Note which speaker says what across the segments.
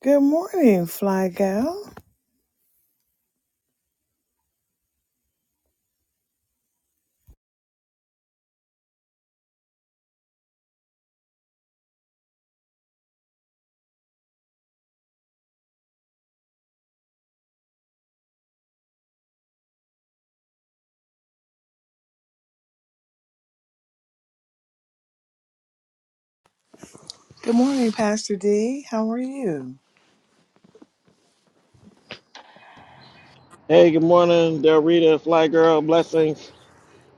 Speaker 1: Good morning, Fly Gal. Good morning, Pastor D. How are you?
Speaker 2: Hey, good morning, Del Rita, Fly Girl, blessings.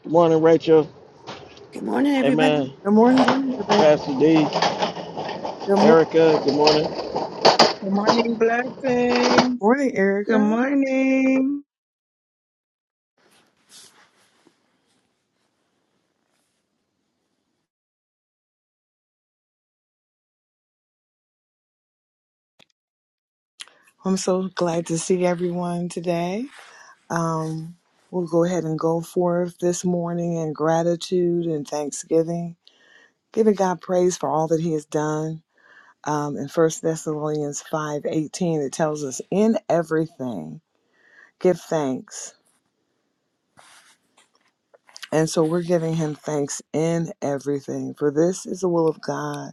Speaker 2: Good morning, Rachel.
Speaker 3: Good morning, everybody.
Speaker 2: Amen.
Speaker 1: Good
Speaker 3: Good
Speaker 1: morning.
Speaker 3: morning.
Speaker 1: Sister Ray.
Speaker 2: Pastor D,
Speaker 1: Good mor-
Speaker 2: Erica, good morning.
Speaker 4: Good morning, blessings.
Speaker 1: morning,
Speaker 4: Good
Speaker 1: Erica.
Speaker 4: morning.
Speaker 1: I'm so glad to see everyone today. Um, we'll go ahead and go forth this morning in gratitude and thanksgiving, giving God praise for all that He has done. Um, in First Thessalonians five eighteen, it tells us, "In everything, give thanks." And so we're giving Him thanks in everything, for this is the will of God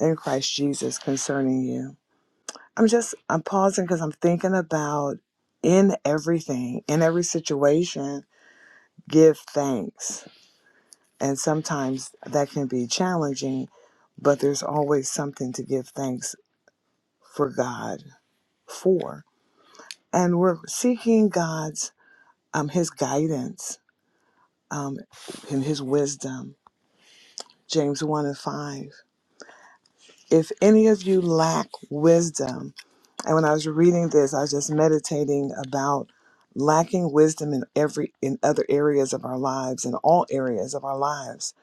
Speaker 1: in Christ Jesus concerning you. I'm just, I'm pausing because I'm thinking about in everything, in every situation, give thanks. And sometimes that can be challenging, but there's always something to give thanks for God for. And we're seeking God's, um, His guidance, um, and His wisdom. James 1 and 5. If any of you lack wisdom, And when I was reading this, I was just meditating about lacking wisdom in every in other areas of our lives, in all areas of our lives.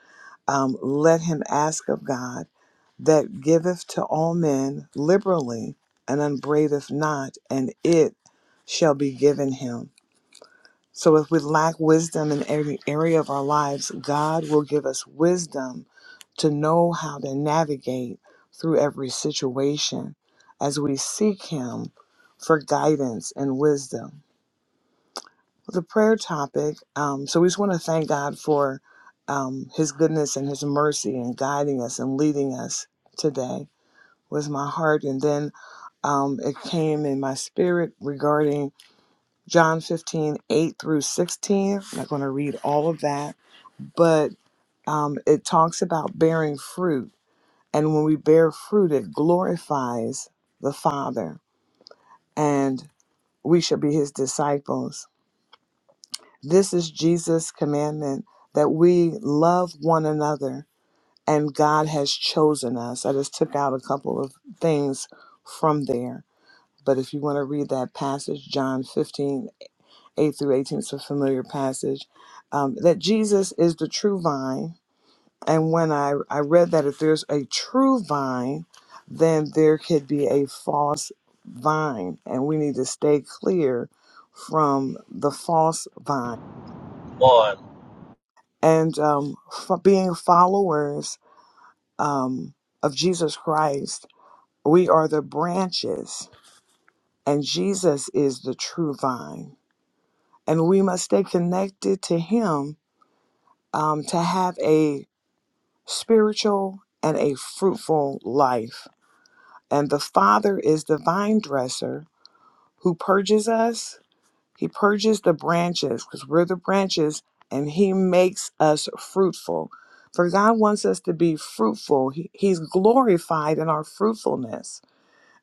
Speaker 1: Um, let him ask of God that giveth to all men liberally and unbraideth not, and it shall be given him. So, if we lack wisdom in every area of our lives, God will give us wisdom to know how to navigate through every situation as we seek Him for guidance and wisdom. The prayer topic um, so, we just want to thank God for um, His goodness and His mercy and guiding us and leading us today, was my heart. And then um, it came in my spirit regarding John 15 8 through 16. I'm not going to read all of that, but um, it talks about bearing fruit. And when we bear fruit, it glorifies the Father, and we shall be his disciples. This is Jesus' commandment that we love one another, and God has chosen us. I just took out a couple of things from there. But if you want to read that passage, John 15:8 8 through 18 it's a familiar passage um, that jesus is the true vine and when I, I read that if there's a true vine then there could be a false vine and we need to stay clear from the false vine
Speaker 5: Lord.
Speaker 1: and um, f- being followers um, of jesus christ we are the branches and jesus is the true vine and we must stay connected to him um, to have a spiritual, and a fruitful life. And the Father is the vine dresser who purges us. He purges the branches because we're the branches and He makes us fruitful. For God wants us to be fruitful, He- He's glorified in our fruitfulness.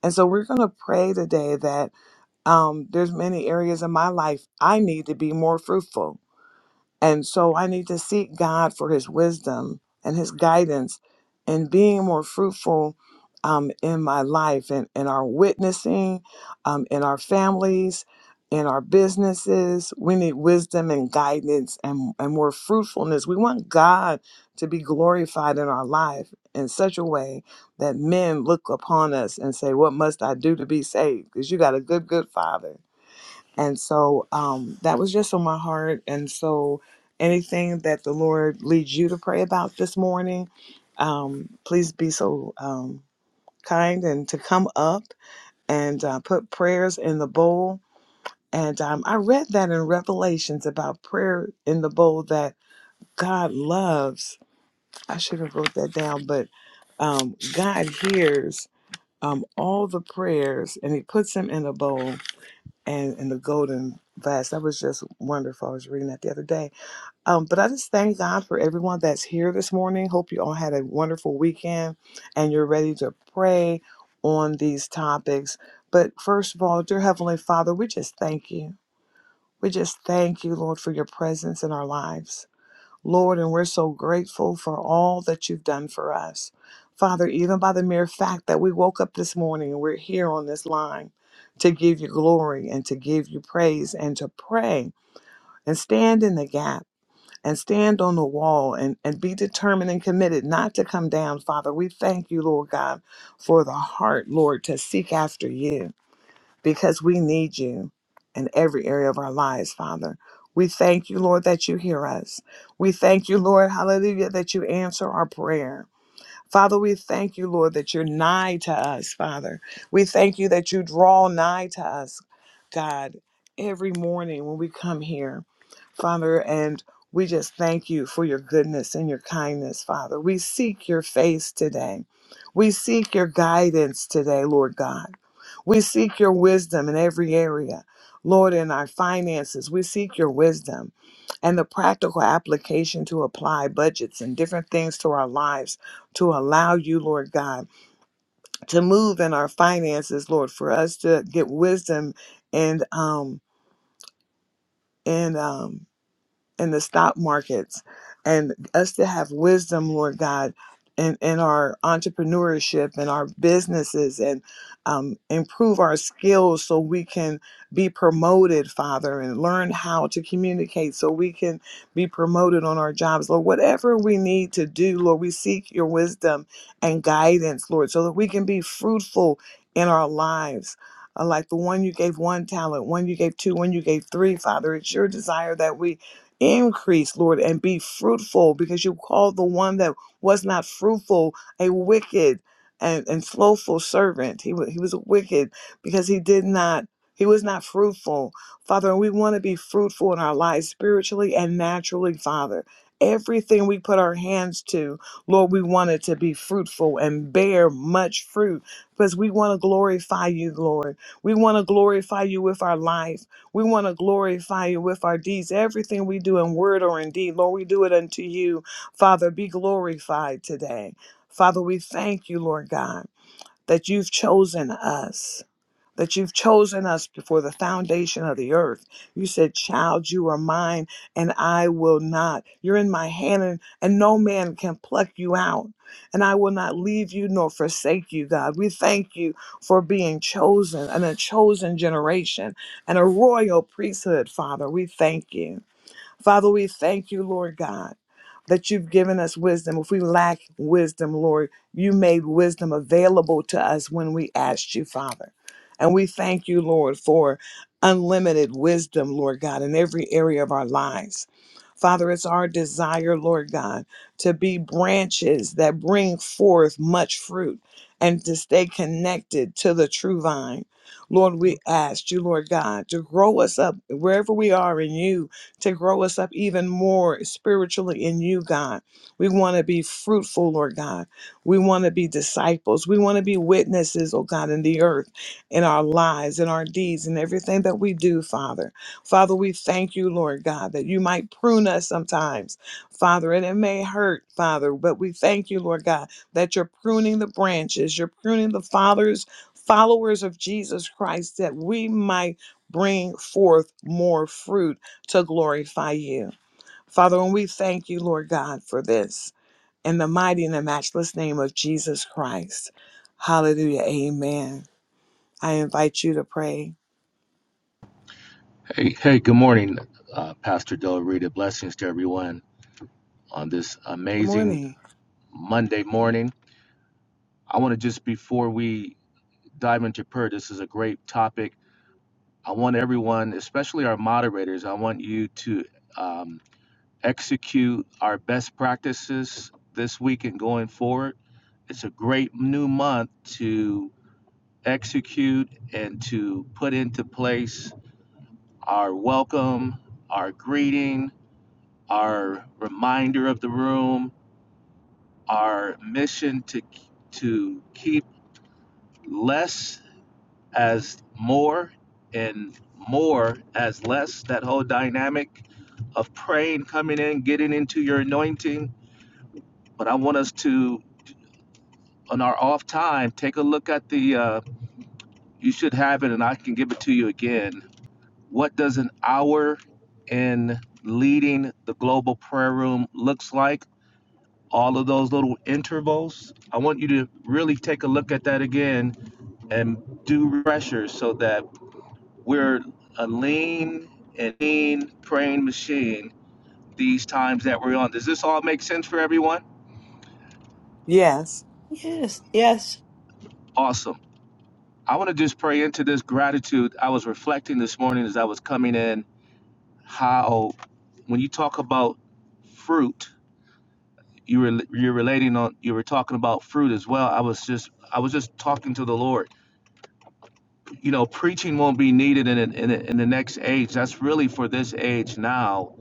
Speaker 1: And so we're going to pray today that um, there's many areas in my life I need to be more fruitful and so I need to seek God for his wisdom and his guidance in being more fruitful um, in my life and in our witnessing, um, in our families, in our businesses. We need wisdom and guidance and, and more fruitfulness. We want God to be glorified in our life in such a way that men look upon us and say, What must I do to be saved? Because you got a good, good father and so um, that was just on my heart. And so anything that the Lord leads you to pray about this morning, um, please be so um, kind and to come up and uh, put prayers in the bowl. And um, I read that in Revelations about prayer in the bowl that God loves. I should have wrote that down, but um, God hears um, all the prayers and He puts them in a bowl and and the golden vase. That was just wonderful. I was reading that the other day. Um, but I just thank God for everyone that's here this morning. Hope you all had a wonderful weekend and you're ready to pray on these topics. But first of all, dear Heavenly Father, we just thank you. We just thank you, Lord, for your presence in our lives. Lord, and we're so grateful for all that you've done for us. Father, even by the mere fact that we woke up this morning and we're here on this line to give you glory and to give you praise and to pray and stand in the gap and stand on the wall and, and be determined and committed not to come down, Father. We thank you, Lord God, for the heart, Lord, to seek after you because we need you in every area of our lives, Father. We thank you, Lord, that you hear us. We thank you, Lord, hallelujah, that you answer our prayer. Father, we thank you, Lord, that you're nigh to us, Father. We thank you that you draw nigh to us, God, every morning when we come here, Father, and we just thank you for your goodness and your kindness, Father. We seek your face today. We seek your guidance today, Lord God. We seek your wisdom in every area. Lord, in our finances, we seek your wisdom and the practical application to apply budgets and different things to our lives to allow you, Lord God, to move in our finances, Lord, for us to get wisdom and um and um in the stock markets and us to have wisdom, Lord God, in, in our entrepreneurship and our businesses and um, improve our skills so we can be promoted, Father, and learn how to communicate so we can be promoted on our jobs, Lord. Whatever we need to do, Lord, we seek your wisdom and guidance, Lord, so that we can be fruitful in our lives uh, like the one you gave one talent, one you gave two, one you gave three, Father. It's your desire that we Increase, Lord, and be fruitful because you called the one that was not fruitful a wicked and, and slothful servant. He, wa- he was wicked because he did not, he was not fruitful. Father, and we want to be fruitful in our lives spiritually and naturally, Father. Everything we put our hands to, Lord, we want it to be fruitful and bear much fruit because we want to glorify you, Lord. We want to glorify you with our life. We want to glorify you with our deeds, everything we do in word or in deed. Lord, we do it unto you. Father, be glorified today. Father, we thank you, Lord God, that you've chosen us that you've chosen us before the foundation of the earth. You said, Child, you are mine, and I will not. You're in my hand, and, and no man can pluck you out. And I will not leave you nor forsake you, God. We thank you for being chosen and a chosen generation and a royal priesthood, Father. We thank you. Father, we thank you, Lord God, that you've given us wisdom. If we lack wisdom, Lord, you made wisdom available to us when we asked you, Father. And we thank you, Lord, for unlimited wisdom, Lord God, in every area of our lives. Father, it's our desire, Lord God, to be branches that bring forth much fruit and to stay connected to the true vine. Lord, we ask you, Lord God, to grow us up wherever we are in you, to grow us up even more spiritually in you, God. We want to be fruitful, Lord God. We want to be disciples. We want to be witnesses, oh God, in the earth, in our lives, in our deeds, in everything that we do, Father. Father, we thank you, Lord God, that you might prune us sometimes, Father, and it may hurt, Father, but we thank you, Lord God, that you're pruning the branches, you're pruning the fathers, followers of Jesus Christ, that we might bring forth more fruit to glorify you. Father, and we thank you, Lord God, for this. In the mighty and the matchless name of Jesus Christ. Hallelujah. Amen. I invite you to pray.
Speaker 5: Hey, hey, good morning, uh, Pastor Del Rita. Blessings to everyone on this
Speaker 1: Good
Speaker 5: amazing
Speaker 1: morning.
Speaker 5: Monday morning. I want to just, before we dive into prayer, this is a great topic. I want everyone, especially our moderators, I want you to um, execute our best practices this week and going forward. It's a great new month to execute and to put into place our welcome, our greeting, our reminder of the room, our mission to to keep less as more and more as less. That whole dynamic of praying, coming in, getting into your anointing. But I want us to, on our off time, take a look at the. Uh, you should have it, and I can give it to you again. What does an hour in leading the global prayer room looks like? all of those little intervals. I want you to really take a look at that again and do pressure so that we're a lean and lean praying machine these times that we're on. Does this all make sense for everyone?
Speaker 1: Yes.
Speaker 3: Yes, yes.
Speaker 5: Awesome. I want to just pray into this gratitude. I was reflecting this morning as I was coming in how when you talk about fruit, you were you're relating on you were talking about fruit as well. I was just I was just talking to the Lord you know, preaching won't be needed in, in, in the next age. That's really for this age now.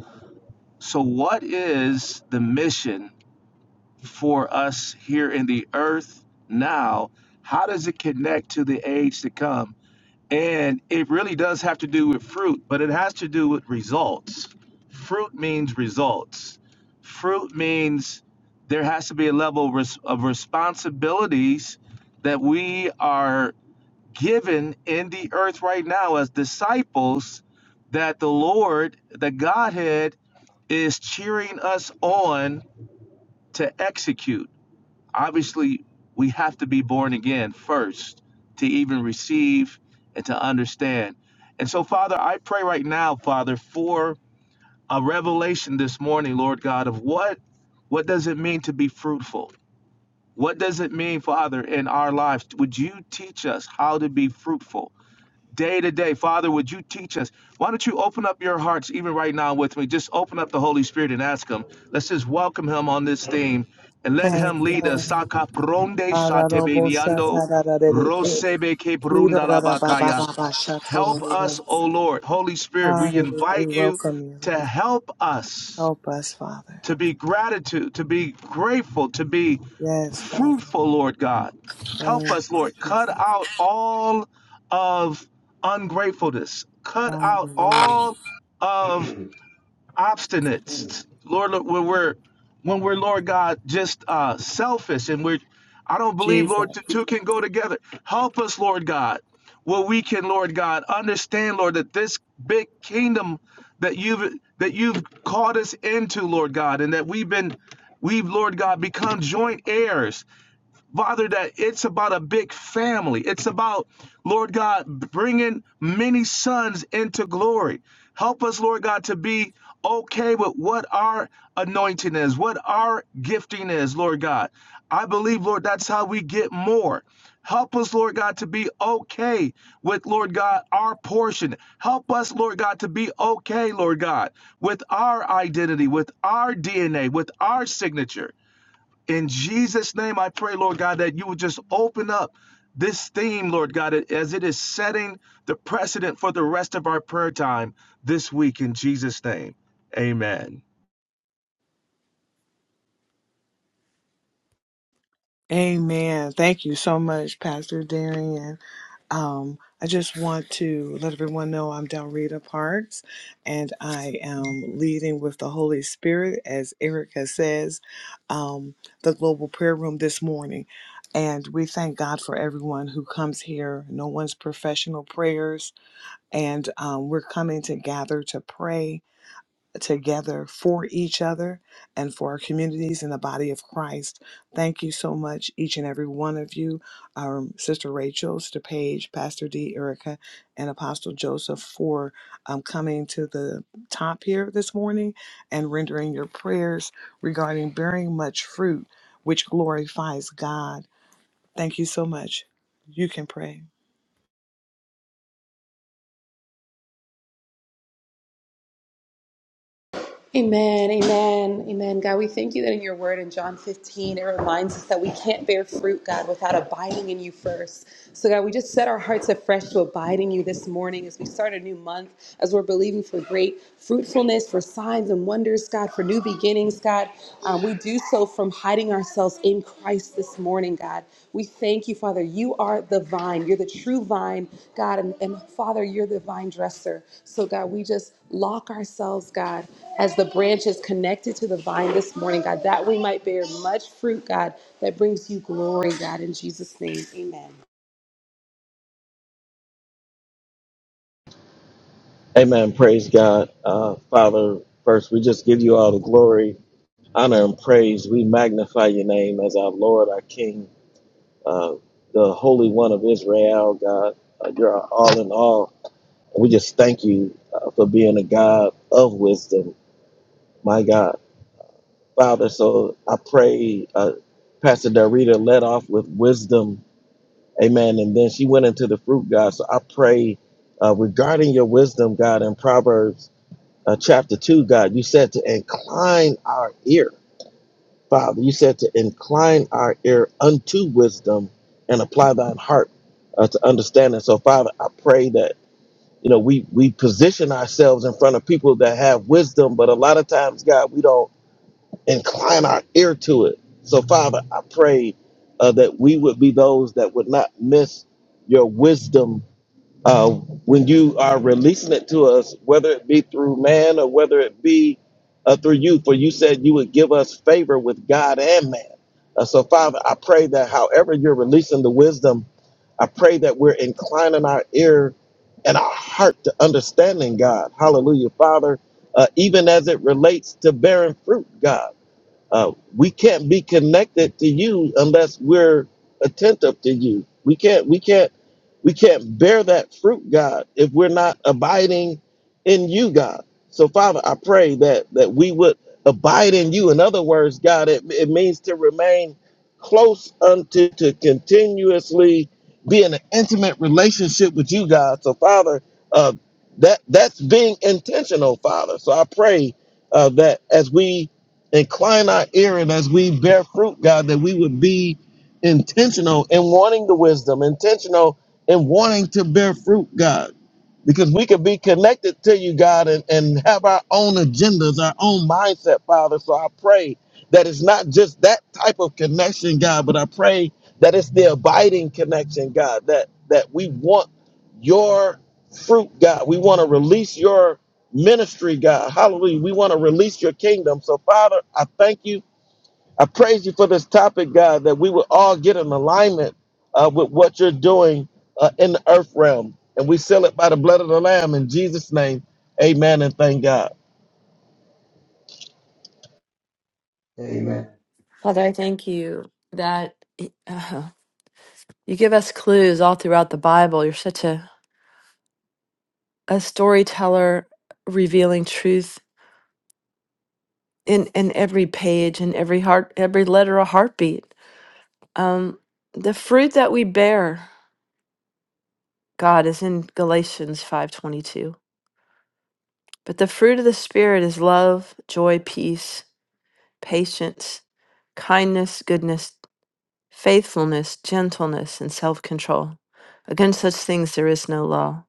Speaker 5: So, what is the mission for us here in the earth now? How does it connect to the age to come? And it really does have to do with fruit, but it has to do with results. Fruit means results. Fruit means there has to be a level of res- of responsibilities that we are given in the earth right now as disciples that the Lord, the Godhead, is cheering us on to execute. Obviously, we have to be born again first to even receive and to understand. And so, Father, I pray right now, Father, for a revelation this morning, Lord God, of what what does it mean to be fruitful? What does it mean, Father, in our lives? Would you teach us how to be fruitful? day to day. Father, would you teach us? Why don't you open up your hearts even right now with me? Just open up the Holy Spirit and ask Him. Let's just welcome Him on this theme and let
Speaker 1: Thank
Speaker 5: Him
Speaker 1: you,
Speaker 5: lead us.
Speaker 1: Lord.
Speaker 5: Saka pronde shatebe niando,
Speaker 1: Araroboshatarararereke.
Speaker 5: rosebe ke prunda la bakaya. Help us, O
Speaker 1: Kirararababababashatorororosha.
Speaker 5: Lord. Holy Spirit, we
Speaker 1: Hallelujah. We
Speaker 5: invite you
Speaker 1: welcome you,
Speaker 5: to
Speaker 1: Lord.
Speaker 5: help us
Speaker 1: Help us, Father.
Speaker 5: to be gratitude, to be grateful, to be
Speaker 1: Yes, Father.
Speaker 5: fruitful, Lord God.
Speaker 1: Thank
Speaker 5: Help
Speaker 1: you.
Speaker 5: us, Lord. Cut out all of ungratefulness. Cut out
Speaker 1: Hallelujah.
Speaker 5: all of obstinate. Lord, when we're when we're Lord God just uh, selfish and we're I don't believe
Speaker 1: Jesus.
Speaker 5: Lord the two can go together. Help us, Lord God, where we can, Lord God, understand, Lord, that this big kingdom that you've that you've called us into, Lord God, and that we've been we've, Lord God, become joint heirs Father, that it's about a big family. It's about, Lord God, bringing many sons into glory. Help us, Lord God, to be okay with what our anointing is, what our gifting is, Lord God. I believe, Lord, that's how we get more. Help us, Lord God, to be okay with, Lord God, our portion. Help us, Lord God, to be okay, Lord God, with our identity, with our DNA, with our signature. In Jesus' name, I pray, Lord God, that you would just open up this theme, Lord God, as it is setting the precedent for the rest of our prayer time this week. In Jesus' name, amen.
Speaker 1: Amen. Thank you so much, Pastor Darian. Um, I just want to let everyone know I'm Dalrita Parks and I am leading with the Holy Spirit, as Erica says, um, the Global Prayer Room this morning. And we thank God for everyone who comes here. No one's professional prayers. And um, we're coming to gather to pray together for each other and for our communities in the body of Christ. Thank you so much, each and every one of you, um, Sister Rachel, Sister Paige, Pastor D, Erica, and Apostle Joseph, for um, coming to the top here this morning and rendering your prayers regarding bearing much fruit, which glorifies God. Thank you so much. You can pray.
Speaker 6: Amen, amen, amen. God, we thank you that in your word in John 15, it reminds us that we can't bear fruit, God, without abiding in you first. So, God, we just set our hearts afresh to abide in you this morning as we start a new month, as we're believing for great fruitfulness, for signs and wonders, God, for new beginnings, God. Um, we do so from hiding ourselves in Christ this morning, God. We thank you, Father. You are the vine. You're the true vine, God. And, and Father, you're the vine dresser. So, God, we just lock ourselves, God, as the branches connected to the vine this morning, God, that we might bear much fruit, God, that brings you glory, God. In Jesus' name, amen.
Speaker 2: Amen. Praise God. Uh, Father, first, we just give you all the glory, honor, and praise. We magnify your name as our Lord, our King, uh, the Holy One of Israel, God. Uh, you're our all in all. We just thank you uh, for being a God of wisdom, my God. Father, so I pray, uh, Pastor Del Rita, let off with wisdom Amen. And then she went into the fruit, God. So I pray uh, regarding your wisdom, God, in Proverbs uh, chapter 2, God, you said to incline our ear, Father. You said to incline our ear unto wisdom and apply thine heart uh, to understanding. So, Father, I pray that. You know, we we position ourselves in front of people that have wisdom, but a lot of times, God, we don't incline our ear to it. So, Father, I pray uh, that we would be those that would not miss your wisdom uh, when you are releasing it to us, whether it be through man or whether it be uh, through you. For you said you would give us favor with God and man. Uh, so, Father, I pray that however you're releasing the wisdom, I pray that we're inclining our ear and our heart to understanding God. Hallelujah, Father, uh, even as it relates to bearing fruit, God. Uh, we can't be connected to you unless we're attentive to you. We can't, we can't, we can't bear that fruit, God, if we're not abiding in you, God. So, Father, I pray that that we would abide in you. In other words, God, it, it means to remain close unto to continuously be in an intimate relationship with you, God. So, Father, uh, that that's being intentional, Father. So I pray uh, that as we Incline our ear, and as we bear fruit, God, that we would be intentional in wanting the wisdom, intentional in wanting to bear fruit, God. Because we could be connected to you, God, and, and have our own agendas, our own mindset, Father. So I pray that it's not just that type of connection, God, but I pray that it's the abiding connection, God, that that we want your fruit, God. We want to release your ministry, God. Hallelujah. We want to release your kingdom. So, Father, I thank you. I praise you for this topic, God, that we will all get in alignment uh, with what you're doing uh, in the earth realm. And we seal it by the blood of the Lamb in Jesus' name. Amen and thank God.
Speaker 7: Amen.
Speaker 3: Father, I thank you that uh, you give us clues all throughout the Bible. You're such a, a storyteller, revealing truth in, in every page, in every heart, every letter, a heartbeat. Um, the fruit that we bear, God, is in Galatians five twenty two. But the fruit of the Spirit is love, joy, peace, patience, kindness, goodness. faithfulness, gentleness, and self control. Against such things there is no law.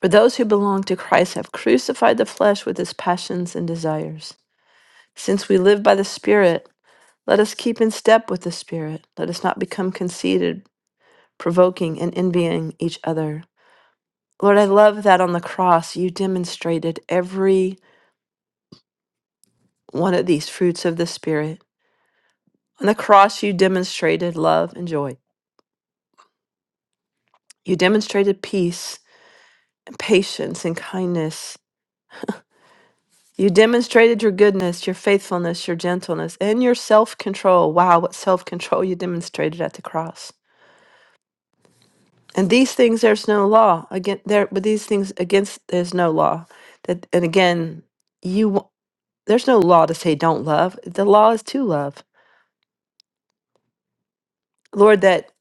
Speaker 3: For those who belong to Christ have crucified the flesh with its passions and desires. Since we live by the Spirit, let us keep in step with the Spirit. Let us not become conceited, provoking, and envying each other. Lord, I love that on the cross you demonstrated every one of these fruits of the Spirit. On the cross, you demonstrated love and joy. You demonstrated peace and patience and kindness You demonstrated your goodness, your faithfulness, your gentleness, and your self control. Wow, what self control you demonstrated at the cross. And these things there's no law. Again there but these things against there's no law. That and again, you w- there's no law to say don't love. The law is to love. Lord, that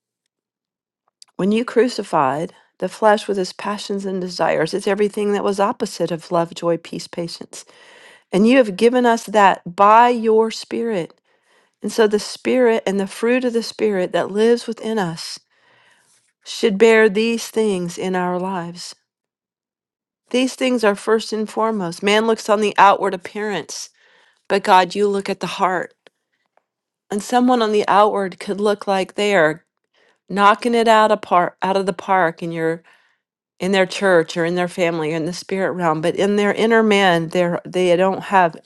Speaker 3: when you crucified the flesh with its passions and desires, it's everything that was opposite of love, joy, peace, patience. And you have given us that by your spirit. And so the Spirit and the fruit of the Spirit that lives within us should bear these things in our lives. These things are first and foremost. Man looks on the outward appearance, but God, you look at the heart. And someone on the outward could look like they are knocking it out of par- out of the park in your in their church or in their family or in the spirit realm, but in their inner man, they they don't have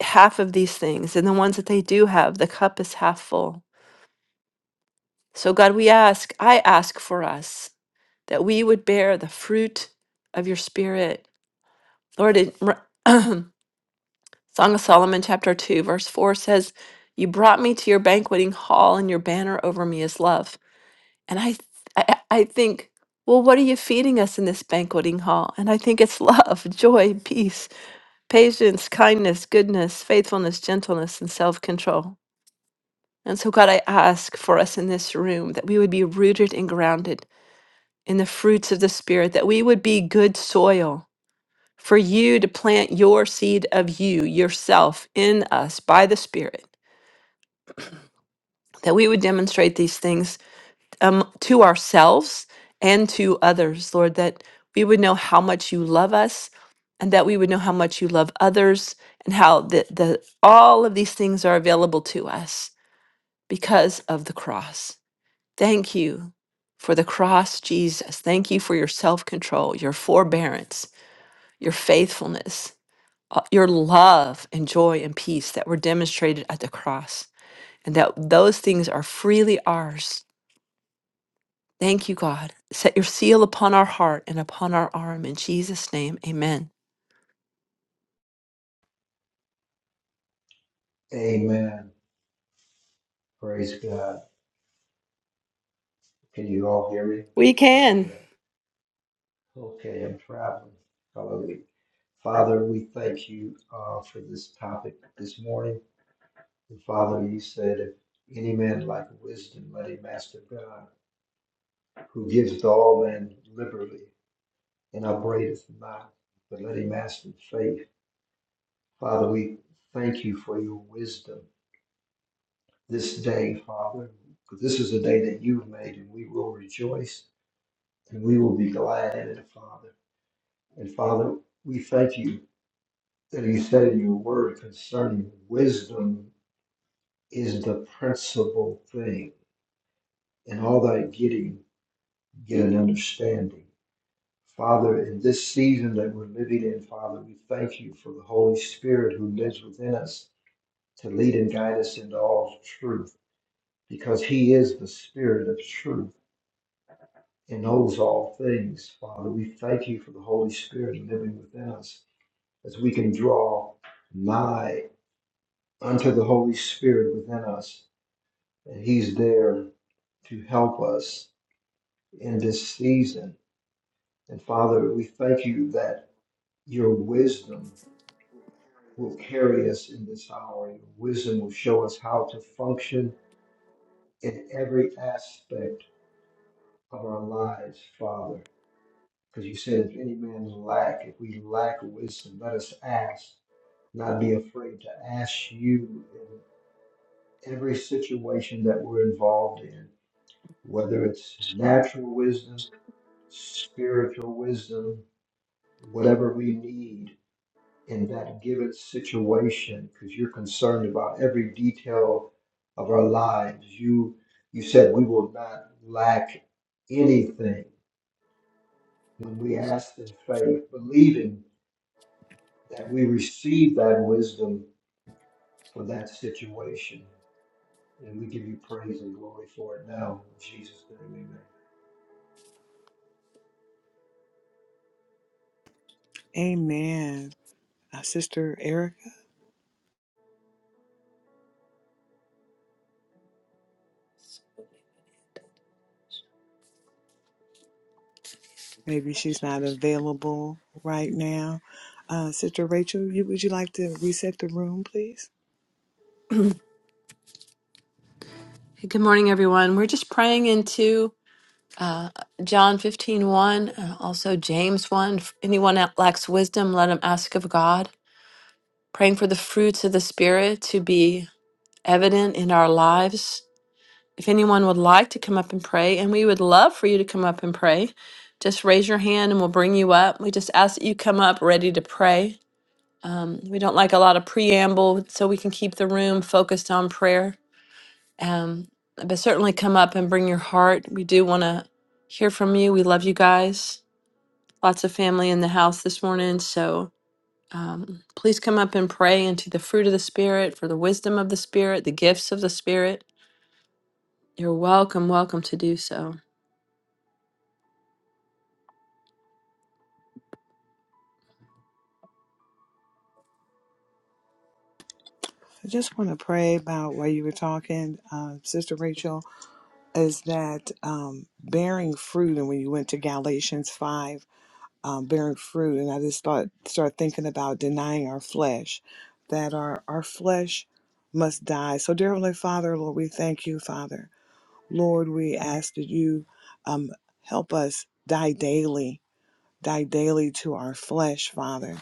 Speaker 3: half of these things. And the ones that they do have, the cup is half full. So God, we ask, I ask for us that we would bear the fruit of your spirit. Lord, it, Song of Solomon, chapter 2, verse 4 says, You brought me to your banqueting hall, and your banner over me is love. And I, I, I think, well, what are you feeding us in this banqueting hall? And I think it's love, joy, peace, patience, kindness, goodness, faithfulness, gentleness, and self control. And so, God, I ask for us in this room that we would be rooted and grounded in the fruits of the Spirit, that we would be good soil for you to plant your seed of you, yourself, in us by the Spirit, that we would demonstrate these things um, to ourselves and to others, Lord, that we would know how much you love us and that we would know how much you love others and how the, the, all of these things are available to us because of the cross. Thank you for the cross, Jesus. Thank you for your self control, your forbearance, your faithfulness. uh, your love and joy and peace that were demonstrated at the cross, and that those things are freely ours. Thank you, God. Set your seal upon our heart and upon our arm. In Jesus' name, amen.
Speaker 7: Amen. Praise God. Can you all hear me?
Speaker 3: We
Speaker 7: Glory to
Speaker 3: can.
Speaker 7: God. Okay, I'm traveling. Hallelujah. Father, we thank you uh, for this topic this morning. And Father, you said, if any man lack wisdom, let him ask of God, who gives to all men liberally and upbraideth not, but let him ask in faith. Father, we thank you for your wisdom. this day, Father, because this is a day that you've made, and we will rejoice and we will be glad in it, Father. And Father, we thank you that you said in your word concerning wisdom is the principal thing, in all thy getting, get an understanding. Father, in this season that we're living in, Father, we thank you for the Holy Spirit who lives within us to lead and guide us into all truth, because He is the Spirit of truth. and knows all things. Father, we thank you for the Holy Spirit living within us as we can draw nigh unto the Holy Spirit within us, and He's there to help us in this season. And Father, we thank you that your wisdom will carry us in this hour. Your wisdom will show us how to function in every aspect of our lives, Father. Because you said, if any man lack, if we lack wisdom, let us ask and i be afraid to ask you in every situation that we're involved in, whether it's natural wisdom, spiritual wisdom, whatever we need in that given situation, because you're concerned about every detail of our lives. You you said we will not lack anything when we ask in faith, believing that we receive that wisdom for that situation. And we give you praise and glory for it now. In Jesus' name,
Speaker 1: Amen. Uh, Sister Erica. Maybe she's not available right now. Uh, Sister Rachel, you, would you like to reset the room, please?
Speaker 3: Good morning, everyone. We're just praying into uh, John 15 uh, also James 1. If anyone that lacks wisdom, let him ask of God. Praying for the fruits of the Spirit to be evident in our lives If anyone would like to come up and pray, and we would love for you to come up and pray, just raise your hand and we'll bring you up. We just ask that you come up ready to pray. Um, we don't like a lot of preamble, so we can keep the room focused on prayer. Um, but certainly come up and bring your heart. We do want to hear from you. We love you guys. Lots of family in the house this morning. So um, please come up and pray into the fruit of the Spirit, for the wisdom of the Spirit, the gifts of the Spirit. You're welcome, welcome to do so.
Speaker 1: I just want to pray about what you were talking, uh, Sister Rachel, is that um, bearing fruit, and when you went to Galatians 5, um, bearing fruit, and I just thought, start thinking about denying our flesh, that our, our flesh must die. So, dear Heavenly Father, Lord, we thank you, Father. Lord, we ask that you um, help us die daily die daily to our flesh, Father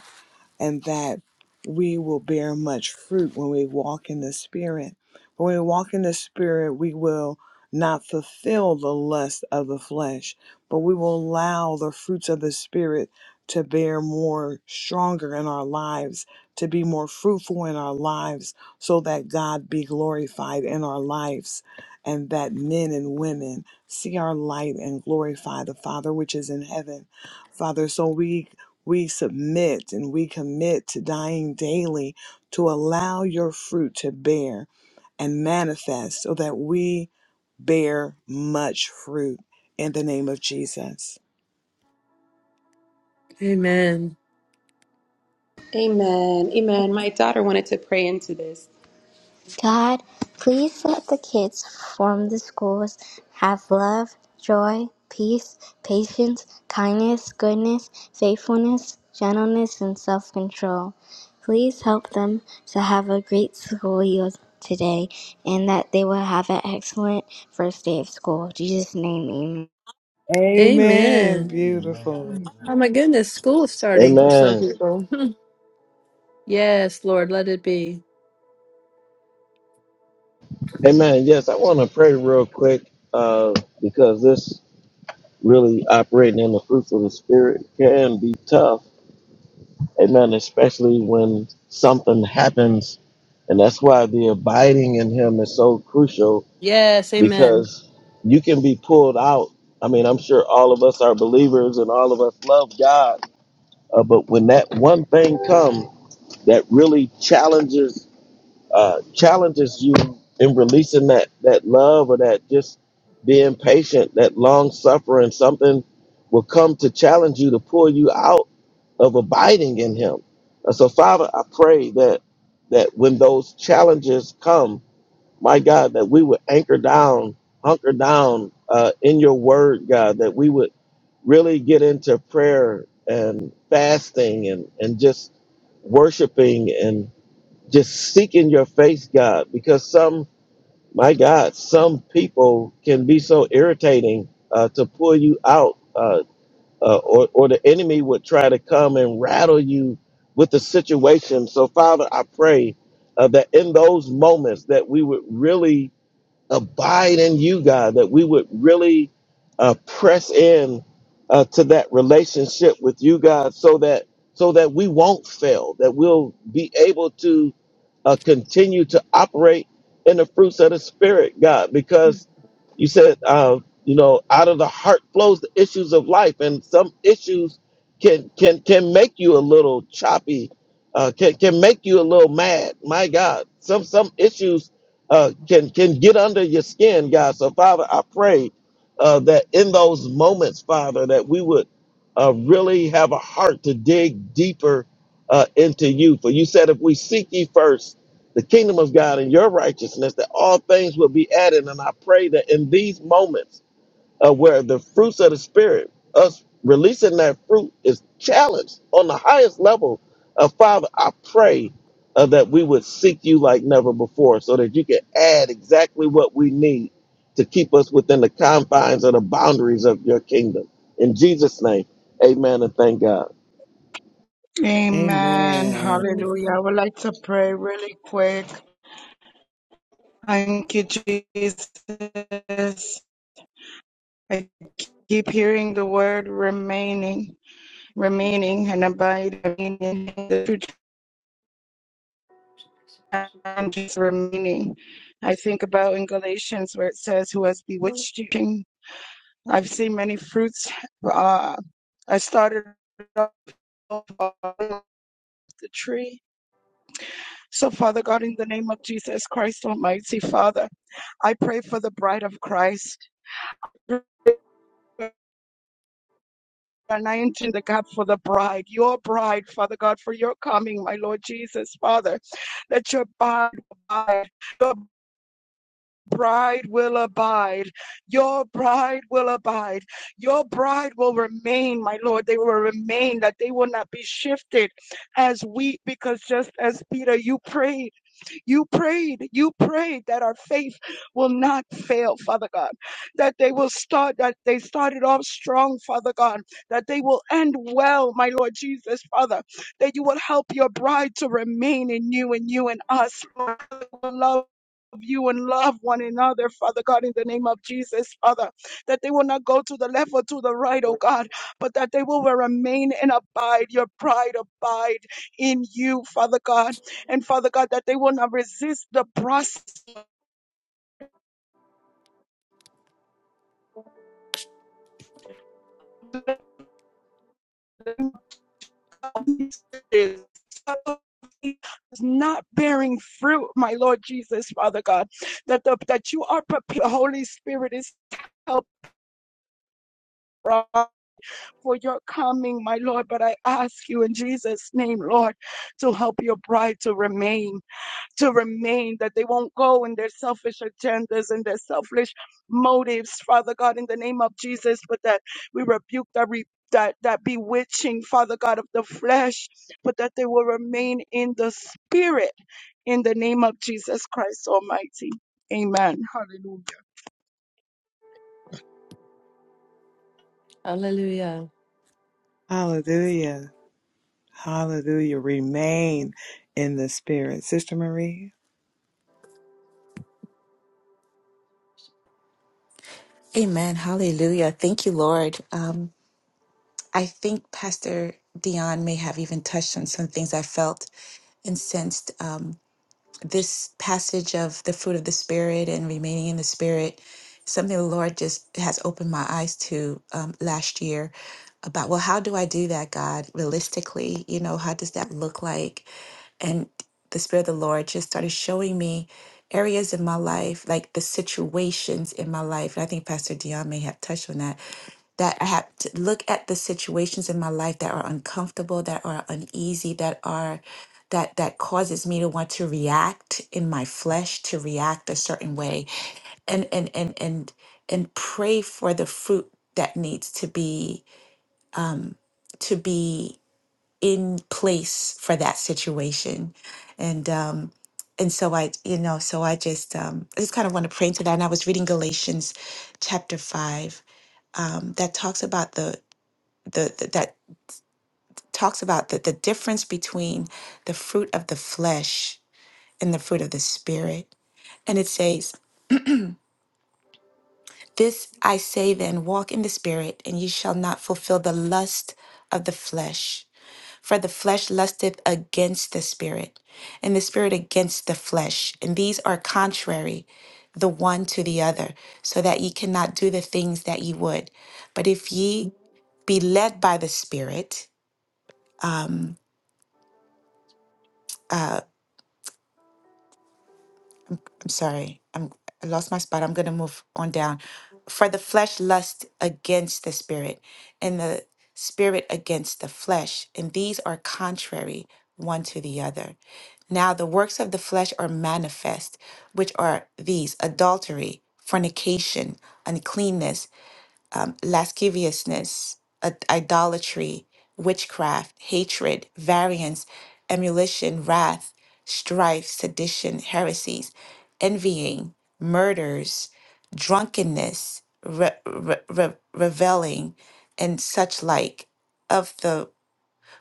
Speaker 1: and that we will bear much fruit when we walk in the Spirit. When we walk in the Spirit, we will not fulfill the lust of the flesh, but we will allow the fruits of the Spirit to bear more stronger in our lives, to be more fruitful in our lives, so that God be glorified in our lives, and that men and women see our light and glorify the Father which is in heaven. Father, so we we submit and we commit to dying daily to allow your fruit to bear and manifest so that we bear much fruit in the name of Jesus.
Speaker 3: Amen.
Speaker 6: Amen. Amen. My daughter wanted to pray into this. God, please let the kids from the schools have love, joy, peace, patience, kindness, goodness, faithfulness, gentleness, and self control. Please help them to have a great school year today and that they will have an excellent first day of school. In Jesus' name, amen.
Speaker 7: amen.
Speaker 1: Amen.
Speaker 3: Amen.
Speaker 7: Amen.
Speaker 1: Beautiful.
Speaker 3: Oh
Speaker 7: Amen.
Speaker 3: my goodness, school is starting for some
Speaker 2: Amen.
Speaker 3: people. Hmm. yes, Lord, let it be.
Speaker 2: Amen. Yes, I want to pray real quick uh, because this really operating in the fruits of the Spirit can be tough Amen. Especially when something happens. And that's why the abiding in him is so crucial
Speaker 3: Yes, amen.
Speaker 2: because you can be pulled out. I mean, I'm sure all of us are believers and all of us love God. Uh, but when that one thing comes that really challenges uh, challenges you in releasing that that love or that just being patient, that long suffering. Something will come to challenge you to pull you out of abiding in Him. And so, Father, I pray that that when those challenges come, my God, that we would anchor down, hunker down uh, in Your Word, God, that we would really get into prayer and fasting and and just worshiping just seeking your face, God, because some, my God, some people can be so irritating uh, to pull you out, uh, uh, or, or the enemy would try to come and rattle you with the situation. So, Father, I pray uh, that in those moments that we would really abide in you, God, that we would really uh, press in uh, to that relationship with you, God, so that so that we won't fail, that we'll be able to uh, continue to operate in the fruits of the Spirit, God, because you said, uh, you know, out of the heart flows the issues of life, and some issues can can can make you a little choppy, uh, can can make you a little mad. My God, some some issues uh, can can get under your skin, God. So, Father, I pray uh, that in those moments, Father, that we would uh, really have a heart to dig deeper uh, into you. For you said, if we seek ye first the kingdom of God and your righteousness, that all things will be added. And I pray that in these moments uh, where the fruits of the spirit, us releasing that fruit, is challenged on the highest level. Uh, Father, I pray uh, that we would seek you like never before, so that you can add exactly what we need to keep us within the confines of the boundaries of your kingdom. In Jesus' name, Amen, and thank God.
Speaker 4: Amen.
Speaker 1: Amen.
Speaker 4: Hallelujah. I
Speaker 3: Amen.
Speaker 4: would like to pray really quick. Thank you, Jesus. I keep hearing the word remaining, remaining, and abide remaining. The true challenge remaining. I think about in Galatians where it says, "Who has bewitched you?" I've seen many fruits. Uh, I started off uh, off the tree So, Father God, in the name of Jesus Christ, Almighty Father, I pray for the bride of Christ. And I enter in the gap for the bride, your bride, Father God, for your coming, my Lord Jesus, Father, that your bride will abide. Your bride will abide. Your bride will abide. Your bride will remain, my Lord. They will remain, that they will not be shifted as wheat, because just as Peter, you prayed. You prayed, you prayed that our faith will not fail, Father God, that they will start, that they started off strong, Father God, that they will end well, my Lord Jesus, Father, that you will help your bride to remain in you and you and us, Lord, will love. of You and love one another, Father God, in the name of Jesus, Father, that they will not go to the left or to the right, oh God, but that they will remain and abide, your bride abide in you, Father God and Father God, that they will not resist the process not bearing fruit, my Lord Jesus, Father God, that the, that you are prepared. The Holy Spirit is help uh, for your coming, my Lord. But I ask you in Jesus' name, Lord, to help your bride to remain. to remain, that they won't go in their selfish agendas and their selfish motives, Father God, in the name of Jesus, but that we rebuke that re- that, that bewitching, Father God, of the flesh, but that they will remain in the spirit in the name of Jesus Christ Almighty. Amen. Hallelujah.
Speaker 3: Hallelujah.
Speaker 1: Hallelujah. Hallelujah. Remain in the Spirit. Sister Marie,
Speaker 8: Amen. Hallelujah. Thank you, Lord. Um, I think Pastor Dion may have even touched on some things I felt and sensed. Um, this passage of the fruit of the spirit and remaining in the spirit something the lord just has opened my eyes to um, last year about well how do i do that god realistically you know how does that look like and the spirit of the lord just started showing me areas in my life like the situations in my life and i think pastor dion may have touched on that that i have to look at the situations in my life that are uncomfortable that are uneasy that are that that causes me to want to react in my flesh to react a certain way and and and and and pray for the fruit that needs to be to be in place for that situation and um and so i you know so i just um i just kind of want to pray into that and i was reading galatians chapter 5 um that talks about the the, the that talks about the, the difference between the fruit of the flesh and the fruit of the spirit And it says, This I say then, walk in the Spirit, and ye shall not fulfill the lust of the flesh. For the flesh lusteth against the Spirit, and the Spirit against the flesh. And these are contrary the one to the other, so that ye cannot do the things that ye would. But if ye be led by the Spirit, I'm sorry. I'm I lost my spot. I'm going to move on down. For the flesh lust against the spirit, and the spirit against the flesh, and these are contrary one to the other. Now the works of the flesh are manifest, which are these: adultery, fornication, uncleanness um, lasciviousness, ad- idolatry, witchcraft, hatred, variance, emulation, wrath, strife, sedition, heresies, envying, murders, drunkenness, re- re- re- reveling, and such like, of the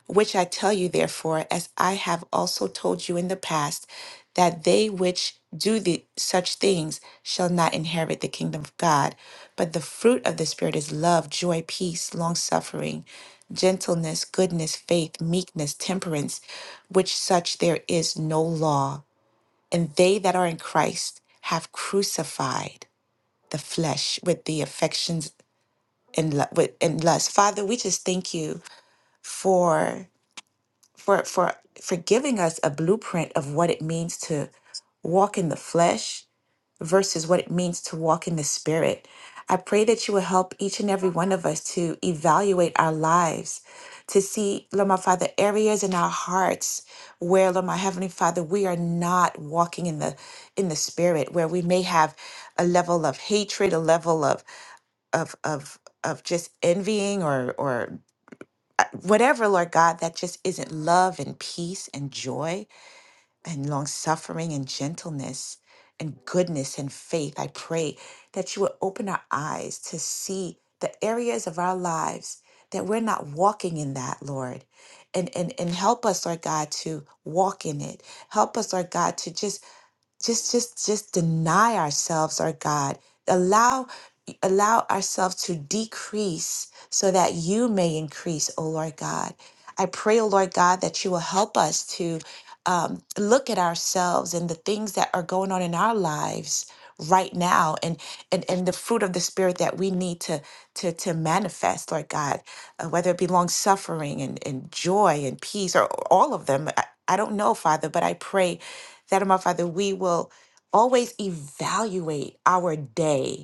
Speaker 8: which I tell you, therefore, as I have also told you in the past, that they which do the, such things shall not inherit the kingdom of God. But the fruit of the Spirit is love, joy, peace, long suffering, gentleness, goodness, faith, meekness, temperance, which such there is no law. And they that are in Christ have crucified the flesh with the affections and, lu- with, and lust. Father, we just thank you for for for for giving us a blueprint of what it means to walk in the flesh versus what it means to walk in the spirit. I pray that you will help each and every one of us to evaluate our lives, to see, Lord my Father, areas in our hearts where, Lord my Heavenly Father, we are not walking in the in the spirit, where we may have a level of hatred, a level of of of of just envying or or uh, whatever, Lord God, that just isn't love and peace and joy and long suffering and gentleness and goodness and faith, I pray that you would open our eyes to see the areas of our lives that we're not walking in that, Lord. And, and, and help us, Lord God, to walk in it. Help us, Lord God, to just just just just deny ourselves our god allow allow ourselves to decrease so that you may increase o lord god i pray o lord god that you will help us to um, look at ourselves and the things that are going on in our lives right now and and and the fruit of the spirit that we need to to to manifest lord god uh, whether it be long suffering and and joy and peace or all of them I, I don't know father but i pray that, my Father, we will always evaluate our day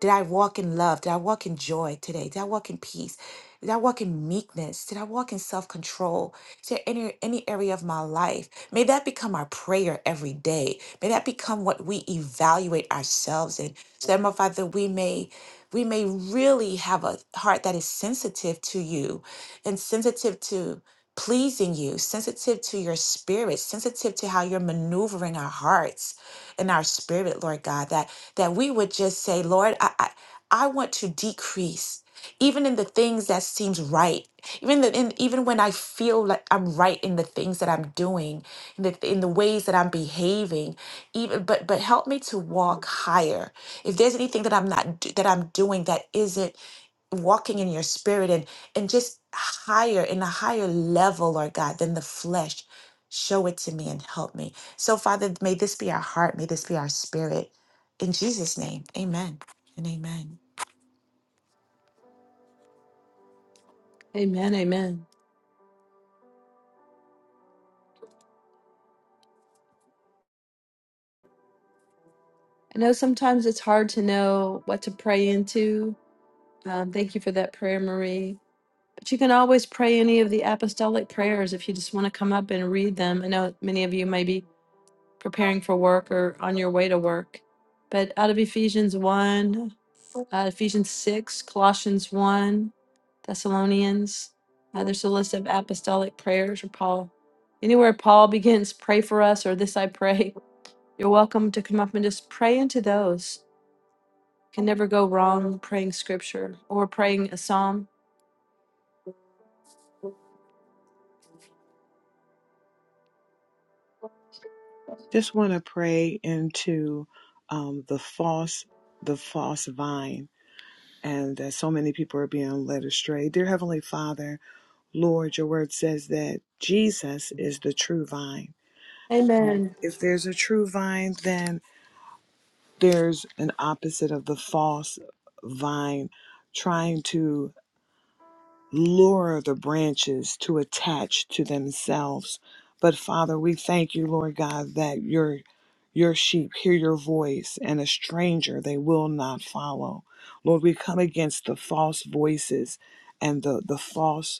Speaker 8: did I walk in love? Did I walk in joy today? Did I walk in peace? Did I walk in meekness? Did I walk in self control? Is there any, any area of my life? May that become our prayer every day. May that become what we evaluate ourselves in. So that, my Father, we may we may really have a heart that is sensitive to you and sensitive to pleasing you, sensitive to your spirit, sensitive to how you're maneuvering our hearts in our spirit, Lord God, that that we would just say, Lord, I I, I want to decrease. Even in the things that seems right, even the, in, even when I feel like I'm right in the things that I'm doing, in the in the ways that I'm behaving, even but but help me to walk higher. If there's anything that I'm not do, that I'm doing that isn't walking in your spirit and and just higher in a higher level lord god than the flesh show it to me and help me so father may this be our heart may this be our spirit in jesus name amen and amen
Speaker 3: Amen, amen. I know sometimes it's hard to know what to pray into. Um, thank you for that prayer, Marie. But you can always pray any of the apostolic prayers if you just want to come up and read them. I know many of you may be preparing for work or on your way to work. But out of Ephesians 1, uh, Ephesians 6, Colossians 1, Thessalonians. Uh, there's a list of apostolic prayers or Paul. Anywhere Paul begins, pray for us or this I pray, you're welcome to come up and just pray into those. Can never go wrong praying scripture or praying a psalm.
Speaker 1: just want to pray into um, the false, the false vine and that so many people are being led astray. Dear Heavenly Father, Lord, your word says that Jesus is the true vine.
Speaker 3: Amen.
Speaker 1: If there's a true vine, then there's an opposite of the false vine trying to lure the branches to attach to themselves. But Father, we thank you, Lord God, that your your sheep hear your voice and a stranger they will not follow. Lord, we come against the false voices and the, the false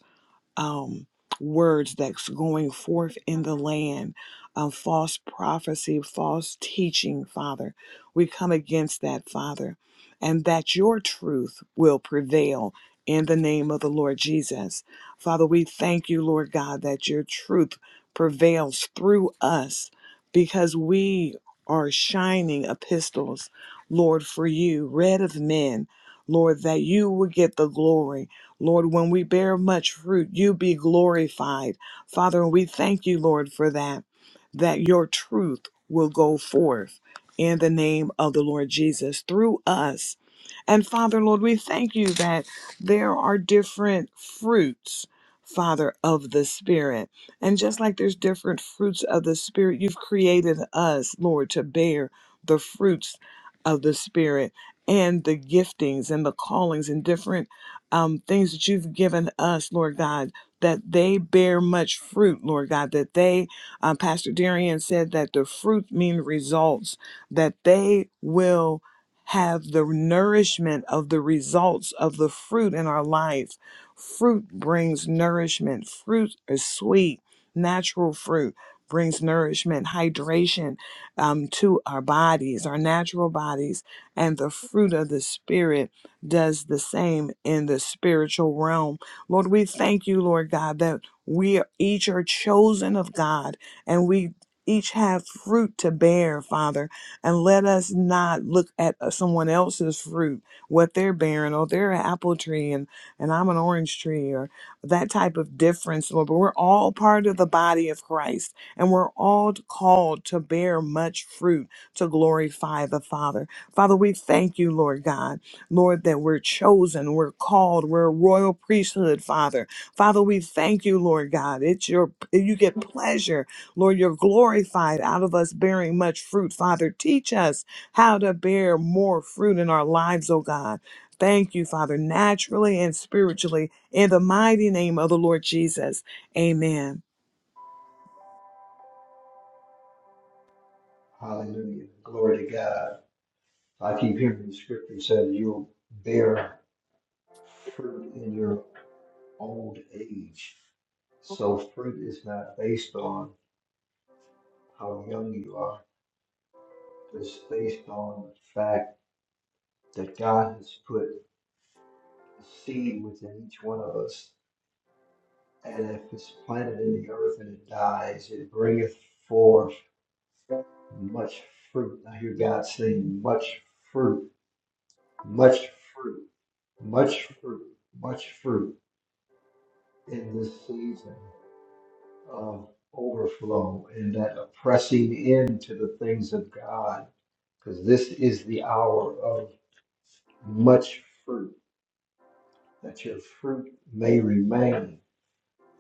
Speaker 1: um, words that's going forth in the land, um, false prophecy, false teaching, Father. We come against that, Father, and that your truth will prevail in the name of the Lord Jesus. Father, we thank you, Lord God, that your truth prevails through us because we are shining epistles, Lord, for you, read of men, Lord, that you will get the glory Lord, when we bear much fruit, you be glorified. Father, and we thank you, Lord, for that, that your truth will go forth in the name of the Lord Jesus through us. And Father, Lord, we thank you that there are different fruits, Father, of the Spirit. And just like there's different fruits of the Spirit, you've created us, Lord, to bear the fruits of the Spirit and the giftings and the callings and different um, things that you've given us, Lord God, that they bear much fruit, Lord God, that they, um, Pastor Darian said that the fruit mean results, that they will have the nourishment of the results of the fruit in our life. Fruit brings nourishment. Fruit is sweet. Natural fruit brings nourishment, hydration um, to our bodies, our natural bodies, and the fruit of the Spirit does the same in the spiritual realm. Lord, we thank you, Lord God, that we each are chosen of God and we each have fruit to bear, Father. And let us not look at uh, someone else's fruit, what they're bearing, or they're an apple tree and, and I'm an orange tree, or that type of difference, Lord. But we're all part of the body of Christ and we're all called to bear much fruit to glorify the Father. Father, we thank you, Lord God. Lord, that we're chosen, we're called, we're a royal priesthood, Father. Father, we thank you, Lord God. It's your, you get pleasure, Lord. You're glorified out of us bearing much fruit, Father. Teach us how to bear more fruit in our lives, oh God. Thank you, Father, naturally and spiritually, in the mighty name of the Lord Jesus. Amen.
Speaker 7: Hallelujah. Glory to God. I keep hearing the scripture says you'll bear fruit in your old age. So fruit is not based on how young you are. It's based on the fact that God has put a seed within each one of us. And if it's planted in the earth and it dies, it bringeth forth much fruit. I hear God saying, much fruit, much fruit, much fruit, much fruit in this season of overflow and that pressing into the things of God, because this is the hour of much fruit, that your fruit may remain.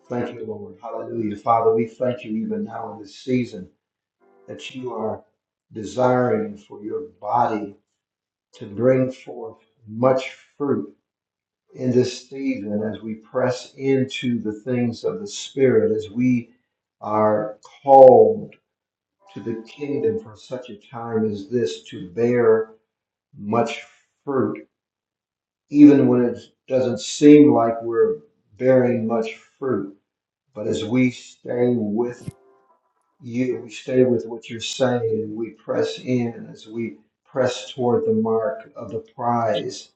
Speaker 7: Thank you, Lord. Hallelujah. Father, we thank you even now in this season that you are desiring for your body to bring forth much fruit in this season as we press into the things of the Spirit, as we are called to the kingdom for such a time as this to bear much fruit, even when it doesn't seem like we're bearing much fruit. But as we stay with you we stay with what you're saying. We press in as we press toward the mark of the prize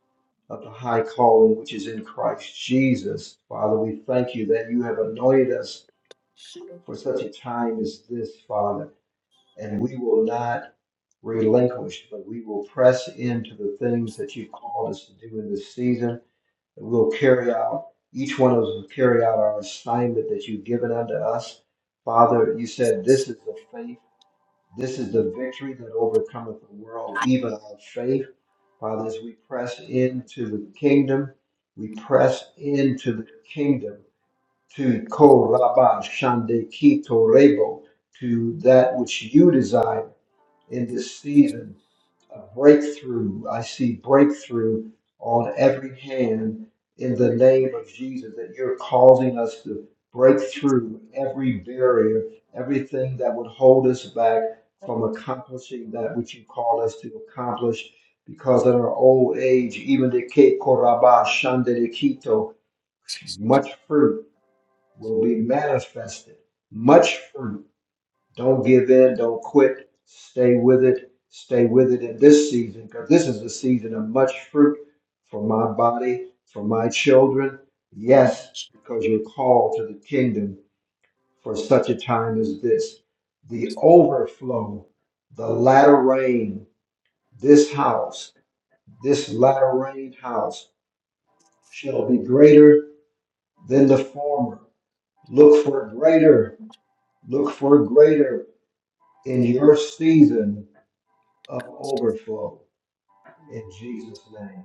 Speaker 7: of the high calling which is in Christ Jesus. Father, we thank you that you have anointed us for such a time as this, Father, and we will not relinquish, but we will press into the things that you've called us to do in this season, and we'll carry out, each one of us will carry out our assignment that you've given unto us. Father, you said this is the faith. This is the victory that overcometh the world, even our faith. Father, as we press into the kingdom, we press into the kingdom to Ko Rabba Shande Kito Rebo, to that which you desire in this season a breakthrough. I see breakthrough on every hand in the name of Jesus that you're causing us to break through every barrier, everything that would hold us back from accomplishing that which you called us to accomplish. Because in our old age, even the Ke Koraba Shande Kito, much fruit will be manifested. Much fruit don't give in. Don't quit. Stay with it. Stay with it in this season because this is the season of much fruit for my body, for my children. Yes, because you're called to the kingdom for such a time as this. The overflow, the latter rain, this house, this latter rain house shall be greater than the former. Look for greater. Look for greater in your season of overflow in Jesus' name.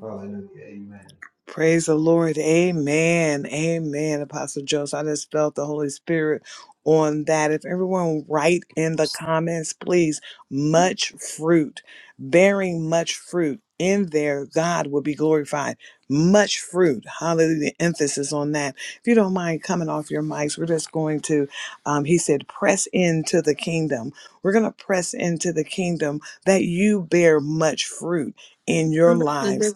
Speaker 7: Hallelujah. Amen.
Speaker 1: Praise the Lord. Amen. Amen. Apostle Joseph, I just felt the Holy Spirit on that. If everyone write in the comments, please, much fruit, bearing much fruit in there, God will be glorified. Much fruit. Hallelujah. Emphasis on that. If you don't mind coming off your mics, we're just going to, um, he said, press into the kingdom. We're going to press into the kingdom that you bear much fruit in your lives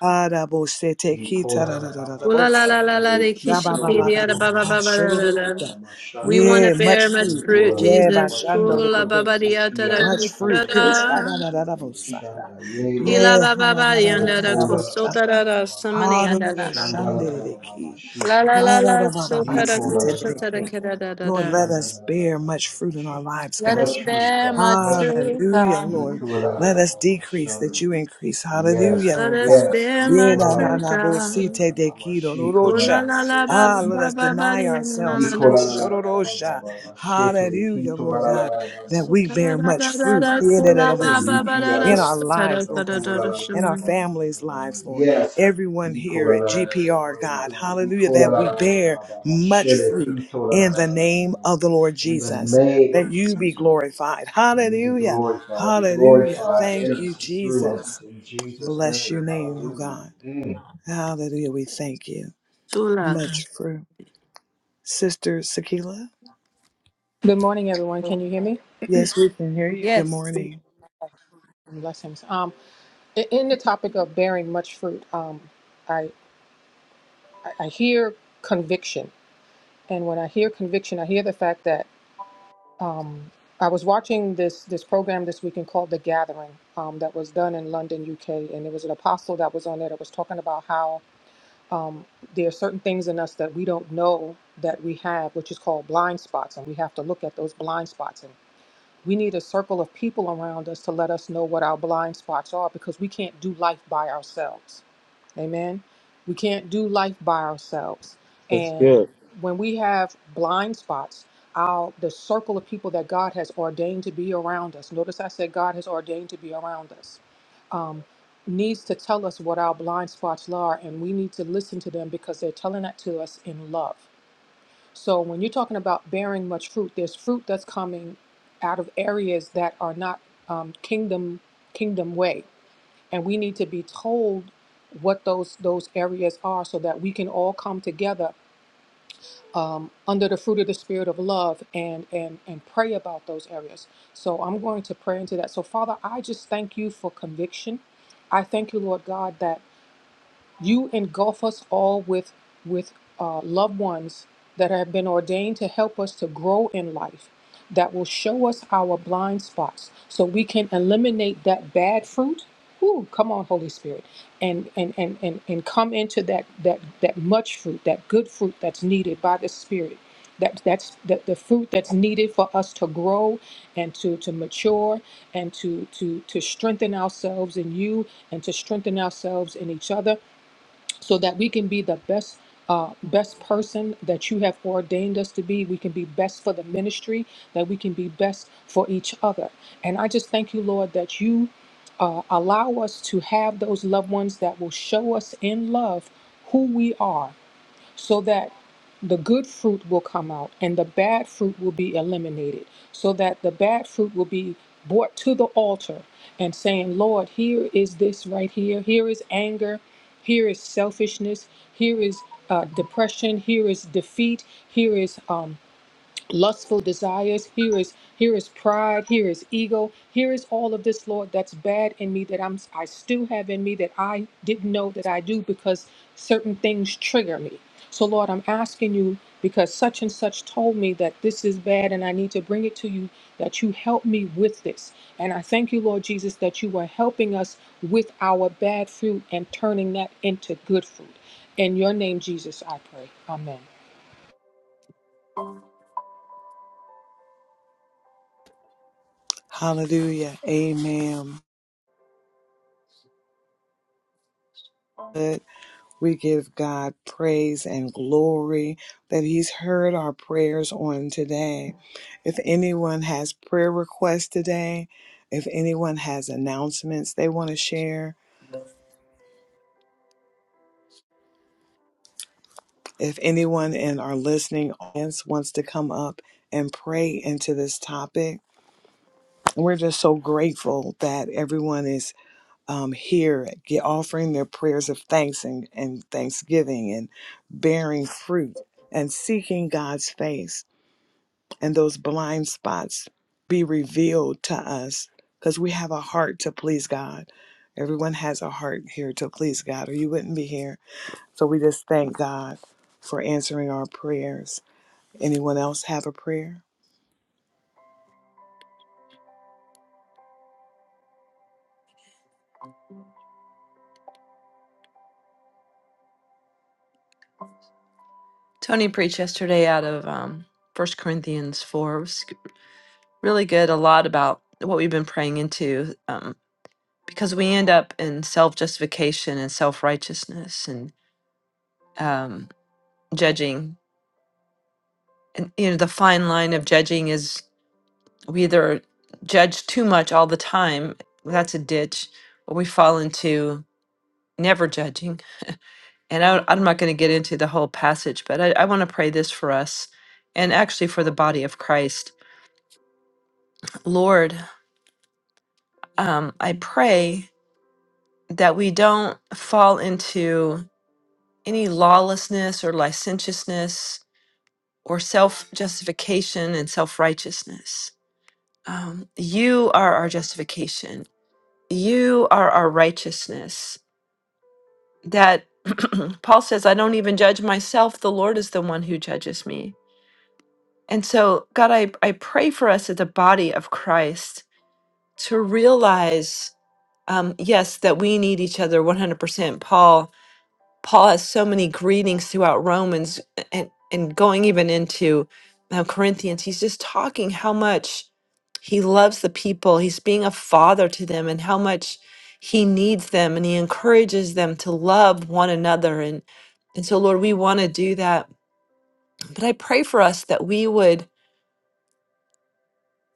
Speaker 1: Arabosete
Speaker 7: Ye
Speaker 1: kita da da
Speaker 7: kora
Speaker 1: da da da
Speaker 3: Ooh la la
Speaker 1: bosa.
Speaker 3: la
Speaker 7: shanda
Speaker 3: la la de
Speaker 1: Da
Speaker 3: kishi
Speaker 1: ba ba ba ba
Speaker 3: ba
Speaker 1: ba
Speaker 3: ba
Speaker 1: ka
Speaker 3: ba ba
Speaker 1: shurururuta.
Speaker 3: We want to
Speaker 1: Yeah, much
Speaker 3: bear much
Speaker 1: fruit.
Speaker 3: fruit,
Speaker 1: Yeah, ba
Speaker 3: Jesus.
Speaker 7: much
Speaker 1: shando ru
Speaker 7: fruit,
Speaker 3: Kula
Speaker 1: ru ru.
Speaker 7: Father.
Speaker 3: babadia da da
Speaker 1: Much fruit.
Speaker 3: kusta
Speaker 1: His da
Speaker 3: da.
Speaker 1: da da da da bosa.
Speaker 7: shanda. Yea,
Speaker 3: Ila
Speaker 7: Lord.
Speaker 1: Yeah, ha da da da
Speaker 3: babadia
Speaker 1: da
Speaker 7: O
Speaker 3: da
Speaker 1: da
Speaker 3: da
Speaker 1: da
Speaker 7: kora
Speaker 3: kusta
Speaker 1: bosa.
Speaker 3: da da da. Samani
Speaker 1: Ha ru
Speaker 3: da
Speaker 1: ru
Speaker 3: da
Speaker 1: ru
Speaker 3: da da.
Speaker 7: shanda
Speaker 1: shande de de ki.
Speaker 3: La
Speaker 7: shito.
Speaker 3: la la
Speaker 1: Ha da
Speaker 3: la.
Speaker 1: da ba ba ba
Speaker 3: Sota da
Speaker 1: si
Speaker 7: Nicola, la,
Speaker 1: de
Speaker 7: la,
Speaker 3: kusta
Speaker 1: de
Speaker 3: da
Speaker 7: la,
Speaker 3: da
Speaker 1: ki.
Speaker 7: ba, ba,
Speaker 3: kira
Speaker 7: ba,
Speaker 3: da da
Speaker 7: ba,
Speaker 1: Lord,
Speaker 3: da.
Speaker 1: let
Speaker 7: shanda, la,
Speaker 1: us
Speaker 7: la, la, la,
Speaker 1: bear
Speaker 7: la,
Speaker 1: much
Speaker 7: ba, ba,
Speaker 1: fruit in our
Speaker 7: sha-
Speaker 1: lives,
Speaker 3: Let
Speaker 1: God.
Speaker 3: us
Speaker 7: Much fruit,
Speaker 3: bear
Speaker 7: Father,
Speaker 3: much
Speaker 7: much fruit.
Speaker 3: fruit,
Speaker 1: Hallelujah,
Speaker 3: God.
Speaker 1: Lord.
Speaker 7: Equal, la, la,
Speaker 1: Let
Speaker 7: la,
Speaker 1: us
Speaker 7: ba, ba,
Speaker 1: decrease that
Speaker 7: shanda.
Speaker 1: you increase. Hallelujah,
Speaker 7: Yes,
Speaker 3: Let
Speaker 1: oh
Speaker 3: us
Speaker 1: God.
Speaker 7: yes.
Speaker 3: bear
Speaker 1: Yeah,
Speaker 7: Equal, la,
Speaker 3: much
Speaker 1: na,
Speaker 7: la,
Speaker 1: na,
Speaker 7: la,
Speaker 3: fruit,
Speaker 1: na,
Speaker 7: ba,
Speaker 1: bo,
Speaker 7: ba, ba,
Speaker 1: si,
Speaker 7: la,
Speaker 3: God.
Speaker 1: te,
Speaker 7: la, la,
Speaker 1: de,
Speaker 7: ba, ba,
Speaker 1: ki, do,
Speaker 7: she,
Speaker 1: do, do,
Speaker 7: equal, la, la,
Speaker 3: Kula
Speaker 1: cha.
Speaker 7: la,
Speaker 3: la
Speaker 7: la, la,
Speaker 3: la
Speaker 7: she,
Speaker 1: Ah, let us
Speaker 7: kianda.
Speaker 1: deny
Speaker 3: babadia
Speaker 1: ourselves.
Speaker 3: da da
Speaker 1: Si,
Speaker 3: da.
Speaker 7: Nicola, la,
Speaker 1: sho,
Speaker 7: la,
Speaker 1: do,
Speaker 7: la,
Speaker 1: do,
Speaker 7: la, ba, ba,
Speaker 1: cha.
Speaker 7: ba, ba, she, te, le,
Speaker 1: Hallelujah,
Speaker 7: kito, la,
Speaker 1: Lord
Speaker 7: la, la,
Speaker 1: God,
Speaker 7: la, ba, ba,
Speaker 1: that
Speaker 7: ba,
Speaker 1: we
Speaker 3: Sota da
Speaker 1: bear
Speaker 7: shanda.
Speaker 1: much
Speaker 3: da da
Speaker 1: fruit
Speaker 3: da.
Speaker 1: yeah, da, da,
Speaker 7: Much
Speaker 3: Kula
Speaker 1: da, bo,
Speaker 3: la
Speaker 7: for
Speaker 1: cha,
Speaker 7: Iki
Speaker 3: babadia da da da.
Speaker 7: ala
Speaker 1: in our
Speaker 3: Sota
Speaker 1: lives,
Speaker 7: yando
Speaker 3: da
Speaker 1: oh
Speaker 3: da da.
Speaker 1: God
Speaker 3: da.
Speaker 1: and our
Speaker 3: Samani.
Speaker 1: families' lives, Lord.
Speaker 7: Yes.
Speaker 1: Everyone
Speaker 7: Iko
Speaker 1: here
Speaker 7: la
Speaker 1: at GPR,
Speaker 7: Everywhere we
Speaker 1: God,
Speaker 7: go.
Speaker 1: hallelujah,
Speaker 7: Iko la
Speaker 1: that we bear much fruit in the name of the Lord
Speaker 7: In the
Speaker 1: Jesus,
Speaker 7: name of
Speaker 1: that you be
Speaker 7: Jesus,
Speaker 1: glorified.
Speaker 7: you be
Speaker 1: Hallelujah,
Speaker 7: glorified. Be
Speaker 1: hallelujah.
Speaker 7: glorified
Speaker 1: Thank
Speaker 7: in
Speaker 1: you,
Speaker 7: us and through us
Speaker 1: Jesus.
Speaker 7: in Jesus'
Speaker 1: Bless your
Speaker 7: name.
Speaker 1: name, oh
Speaker 7: Hallelujah.
Speaker 1: God.
Speaker 7: Mm.
Speaker 1: Hallelujah, we thank you. Much fruit. Sister Sakila,
Speaker 9: Good morning, everyone. Can you hear me?
Speaker 1: yes, we can hear you. Good
Speaker 3: Yes.
Speaker 1: morning.
Speaker 9: Yes. Blessings. Um, i- in the topic of bearing much fruit, um, I, I I hear conviction, and when I hear conviction, I hear the fact that um, I was watching this this program this weekend called The Gathering, um, that was done in London, UK, and there was an apostle that was on there that was talking about how um, there are certain things in us that we don't know that we have, which is called blind spots, and we have to look at those blind spots. We need a circle of people around us to let us know what our blind spots are because we can't do life by ourselves. Amen. We can't do life by ourselves.
Speaker 2: That's
Speaker 9: And
Speaker 2: good.
Speaker 9: when we have blind spots, our the circle of people that God has ordained to be around us. Notice I said God has ordained to be around us. Um, needs to tell us what our blind spots are, and we need to listen to them because they're telling that to us in love. So when you're talking about bearing much fruit, there's fruit that's coming out of areas that are not um, kingdom kingdom way, and we need to be told what those those areas are, so that we can all come together um, under the fruit of the spirit of love and and and pray about those areas. So I'm going to pray into that. So Father, I just thank you for conviction. I thank you, Lord God, that. You engulf us all with, with uh, loved ones that have been ordained to help us to grow in life, that will show us our blind spots so we can eliminate that bad fruit. Ooh, come on, Holy Spirit, and and and and, and come into that that that much fruit, that good fruit that's needed by the Spirit. That, that's that the fruit that's needed for us to grow and to, to mature and to, to to strengthen ourselves in you and to strengthen ourselves in each other so that we can be the best uh, best person that you have ordained us to be. We can be best for the ministry, that we can be best for each other. And I just thank you, Lord, that you uh, allow us to have those loved ones that will show us in love who we are so that the good fruit will come out and the bad fruit will be eliminated, so that the bad fruit will be brought to the altar and saying, Lord, here is this right here. Here is anger. Here is selfishness. Here is uh, depression. Here is defeat. Here is um, lustful desires here is here is pride here is ego here is all of this lord that's bad in me that i'm i still have in me that i didn't know that i do because certain things trigger me so lord i'm asking you because such and such told me that this is bad and i need to bring it to you that you help me with this and i thank you lord jesus that you are helping us with our bad fruit and turning that into good fruit in your name jesus i pray amen
Speaker 1: Hallelujah, amen. We give God praise and glory that He's heard our prayers on today. If anyone has prayer requests today, if anyone has announcements they want to share, if anyone in our listening audience wants to come up and pray into this topic, we're just so grateful that everyone is um, here get, offering their prayers of thanks and, and thanksgiving and bearing fruit and seeking God's face. and those blind spots be revealed to us because we have a heart to please God. Everyone has a heart here to please God, or you wouldn't be here. So we just thank God for answering our prayers. Anyone else have a prayer?
Speaker 3: Tony preached yesterday out of um, 1 Corinthians 4. It was really good, a lot about what we've been praying into um, because we end up in self justification and self righteousness and um, judging. And, you know, the fine line of judging is. we either judge too much all the time that's a ditch or we fall into never judging and I, i'm not going to get into the whole passage but i, I want to pray this for us and actually for the body of christ lord um, i pray that we don't fall into any lawlessness or licentiousness or self-justification and self-righteousness um, you are our justification you are our righteousness that Paul says, I don't even judge myself. The Lord is the one who judges me. And so, God, I, I pray for us as the body of Christ to realize, um, yes, that we need each other 100%. Paul, Paul has so many greetings throughout Romans and, and going even into uh, Corinthians. He's just talking how much he loves the people. He's being a father to them and how much he needs them and he encourages them to love one another and and so Lord, we want to do that. But I pray for us that we would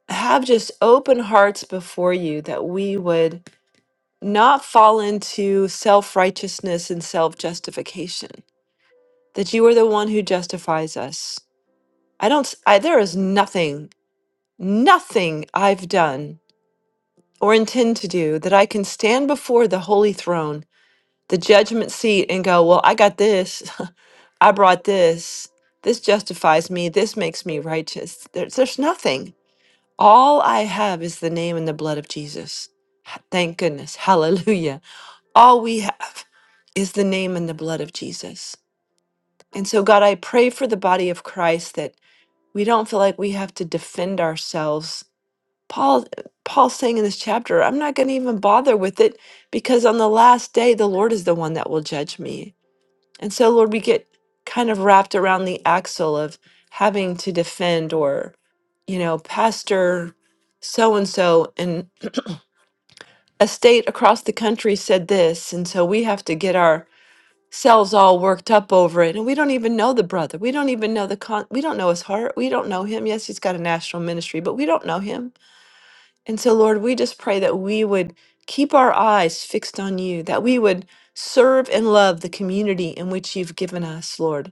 Speaker 3: have just open hearts before you that we would not fall into self-righteousness and self-justification. That you are the one who justifies us. I don't s- I, there is nothing nothing I've done or intend to do that I can stand before the holy throne the judgment seat and go, Well, I got this. I brought this. This justifies me. This makes me righteous. There's, there's nothing. All I have is the name and the blood of Jesus. Ha- Thank goodness. Hallelujah. All we have is the name and the blood of Jesus. And so, God, I pray for the body of Christ that we don't feel like we have to defend ourselves. Paul, Paul's saying in this chapter, I'm not going to even bother with it because on the last day, the Lord is the one that will judge me. And so, Lord, we get kind of wrapped around the axle of having to defend or, you know, Pastor so and so in a state across the country said this. And so we have to get ourselves all worked up over it. And we don't even know the brother. We don't even know the con, we don't know his heart. We don't know him. Yes, he's got a national ministry, but we don't know him. And so, Lord, we just pray that we would keep our eyes fixed on you, that we would serve and love the community in which you've given us, Lord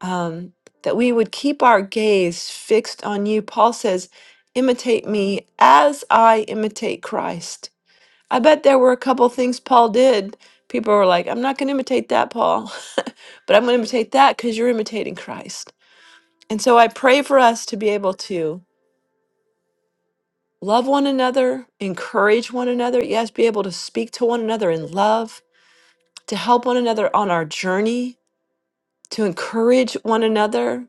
Speaker 3: um, that we would keep our gaze fixed on you. Paul says, imitate me as I imitate Christ. I bet there were a couple things Paul did. People were like, I'm not going to imitate that, Paul, but I'm going to imitate that because you're imitating Christ. And so I pray for us to be able to love one another, encourage one another, yes, be able to speak to one another in love, to help one another on our journey, to encourage one another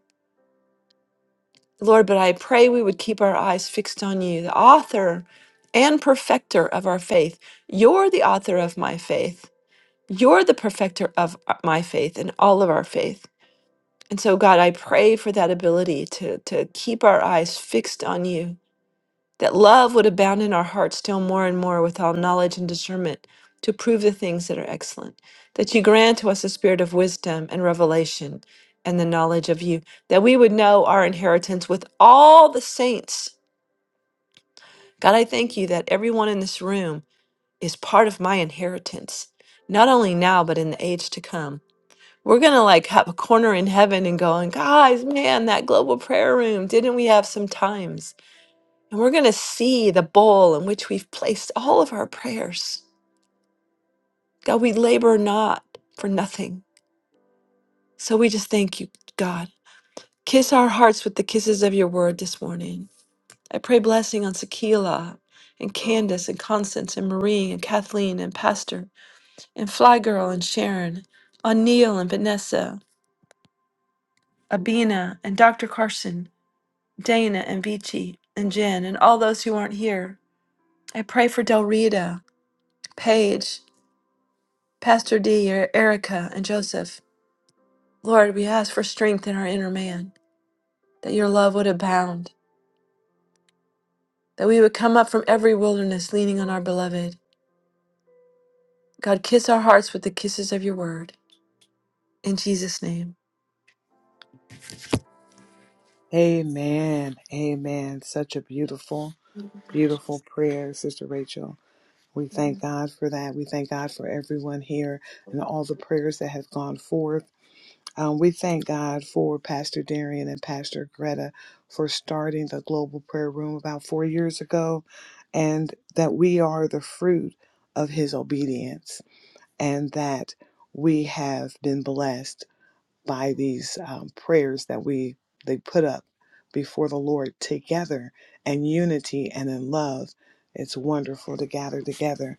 Speaker 3: Lord, but I pray we would keep our eyes fixed on you, the author and perfecter of our faith. You're the author of my faith. You're the perfecter of my faith and all of our faith. And so, God, I pray for that ability to, to keep our eyes fixed on you, that love would abound in our hearts still more and more with all knowledge and discernment to prove the things that are excellent, that you grant to us a spirit of wisdom and revelation and the knowledge of you, that we would know our inheritance with all the saints. God, I thank you that everyone in this room is part of my inheritance, not only now, but in the age to come. We're going to like have a corner in heaven and going, guys, man, that global prayer room, didn't we have some times? And we're going to see the bowl in which we've placed all of our prayers. God, we labor not for nothing. So we just thank you, God. Kiss our hearts with the kisses of your word this morning. I pray blessing on Sakila and Candace and Constance and Marie and Kathleen and Pastor and Fly Girl and Sharon, on Neil and Vanessa, Abina and Dr. Carson, Dana and Vici and Jen and all those who aren't here. I pray for Del Rita, Paige. Pastor D, Er- Erica, and Joseph. Lord, we ask for strength in our inner man, that your love would abound, that we would come up from every wilderness leaning on our beloved. God, kiss our hearts with the kisses of your word. In Jesus' name.
Speaker 1: Amen. Amen. Such a beautiful, beautiful prayer, Sister Rachel. We thank God for that. We thank God for everyone here and all the prayers that have gone forth Um, we thank God for Pastor Darian and Pastor Greta for starting the Global Prayer Room about four years ago, and that we are the fruit of his obedience, and that we have been blessed by these um, prayers that we they put up before the Lord together in unity and in love. It's wonderful to gather together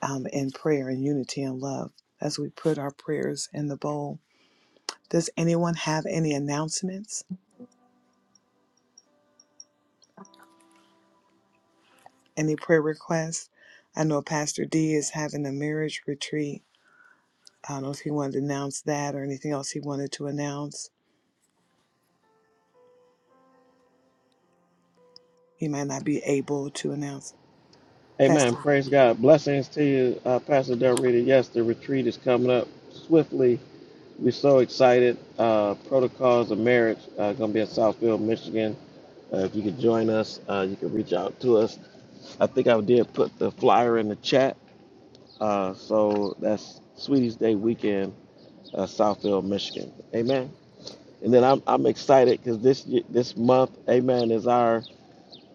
Speaker 1: um, in prayer and unity and love as we put our prayers in the bowl. Does anyone have any announcements, any prayer requests? I know Pastor D is having a marriage retreat. I don't know if he wanted to announce that or anything else he wanted to announce. He might not be able to announce.
Speaker 2: Amen.
Speaker 1: Pastor,
Speaker 2: Praise God. Blessings to you, uh, Pastor Del Rita. Yes, the retreat is coming up swiftly We're so excited. Uh, Protocols of Marriage uh, going to be in Southfield, Michigan. Uh, if you could join us, uh, you can reach out to us. I think I did put the flyer in the chat. Uh, so that's Sweeties Day weekend, uh, Southfield, Michigan. Amen. And then I'm, I'm excited because this ye- this month, Amen, is our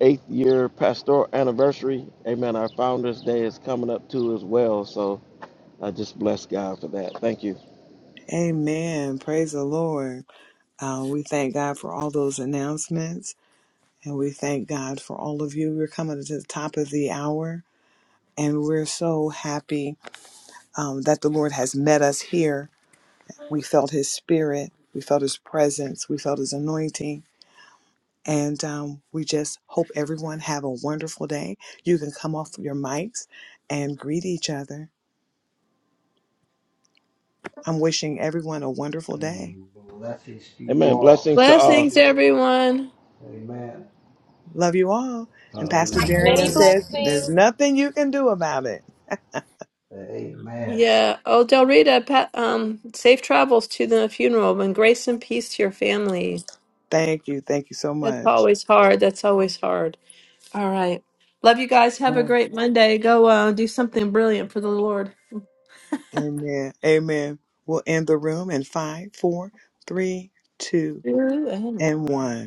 Speaker 2: eighth year pastoral anniversary. Amen. Our Founders Day is coming up too as well. So I just bless God for that. Thank you.
Speaker 1: amen. Praise the Lord. Uh, we thank God for all those announcements and we thank God for all of you. We're coming to the top of the hour and we're so happy um, that the Lord has met us here. We felt his spirit, we felt his presence, we felt his anointing And um, we just hope everyone have a wonderful day. You can come off your mics and greet each other. I'm wishing everyone a wonderful day.
Speaker 7: And blessings to you
Speaker 2: Amen.
Speaker 7: all.
Speaker 2: Blessings
Speaker 7: Have
Speaker 2: to
Speaker 7: a
Speaker 2: all.
Speaker 7: great
Speaker 3: Blessings,
Speaker 7: day.
Speaker 3: everyone.
Speaker 7: Amen.
Speaker 1: Love you all. And Pastor
Speaker 7: Hallelujah.
Speaker 1: Darian says, There's nothing you can do about it.
Speaker 7: Amen.
Speaker 3: Yeah. Oh, Del Rita, pa- um, safe travels to the funeral and grace and peace to your family.
Speaker 1: Thank you. Thank you so
Speaker 3: That's
Speaker 1: much.
Speaker 3: always hard. That's always hard. All right. Love you guys. Have a
Speaker 1: Amen.
Speaker 3: great Monday. Go uh, do something brilliant for the Lord.
Speaker 1: Amen. Amen. We'll end the room in five, four, three, two,
Speaker 3: True and
Speaker 1: and one.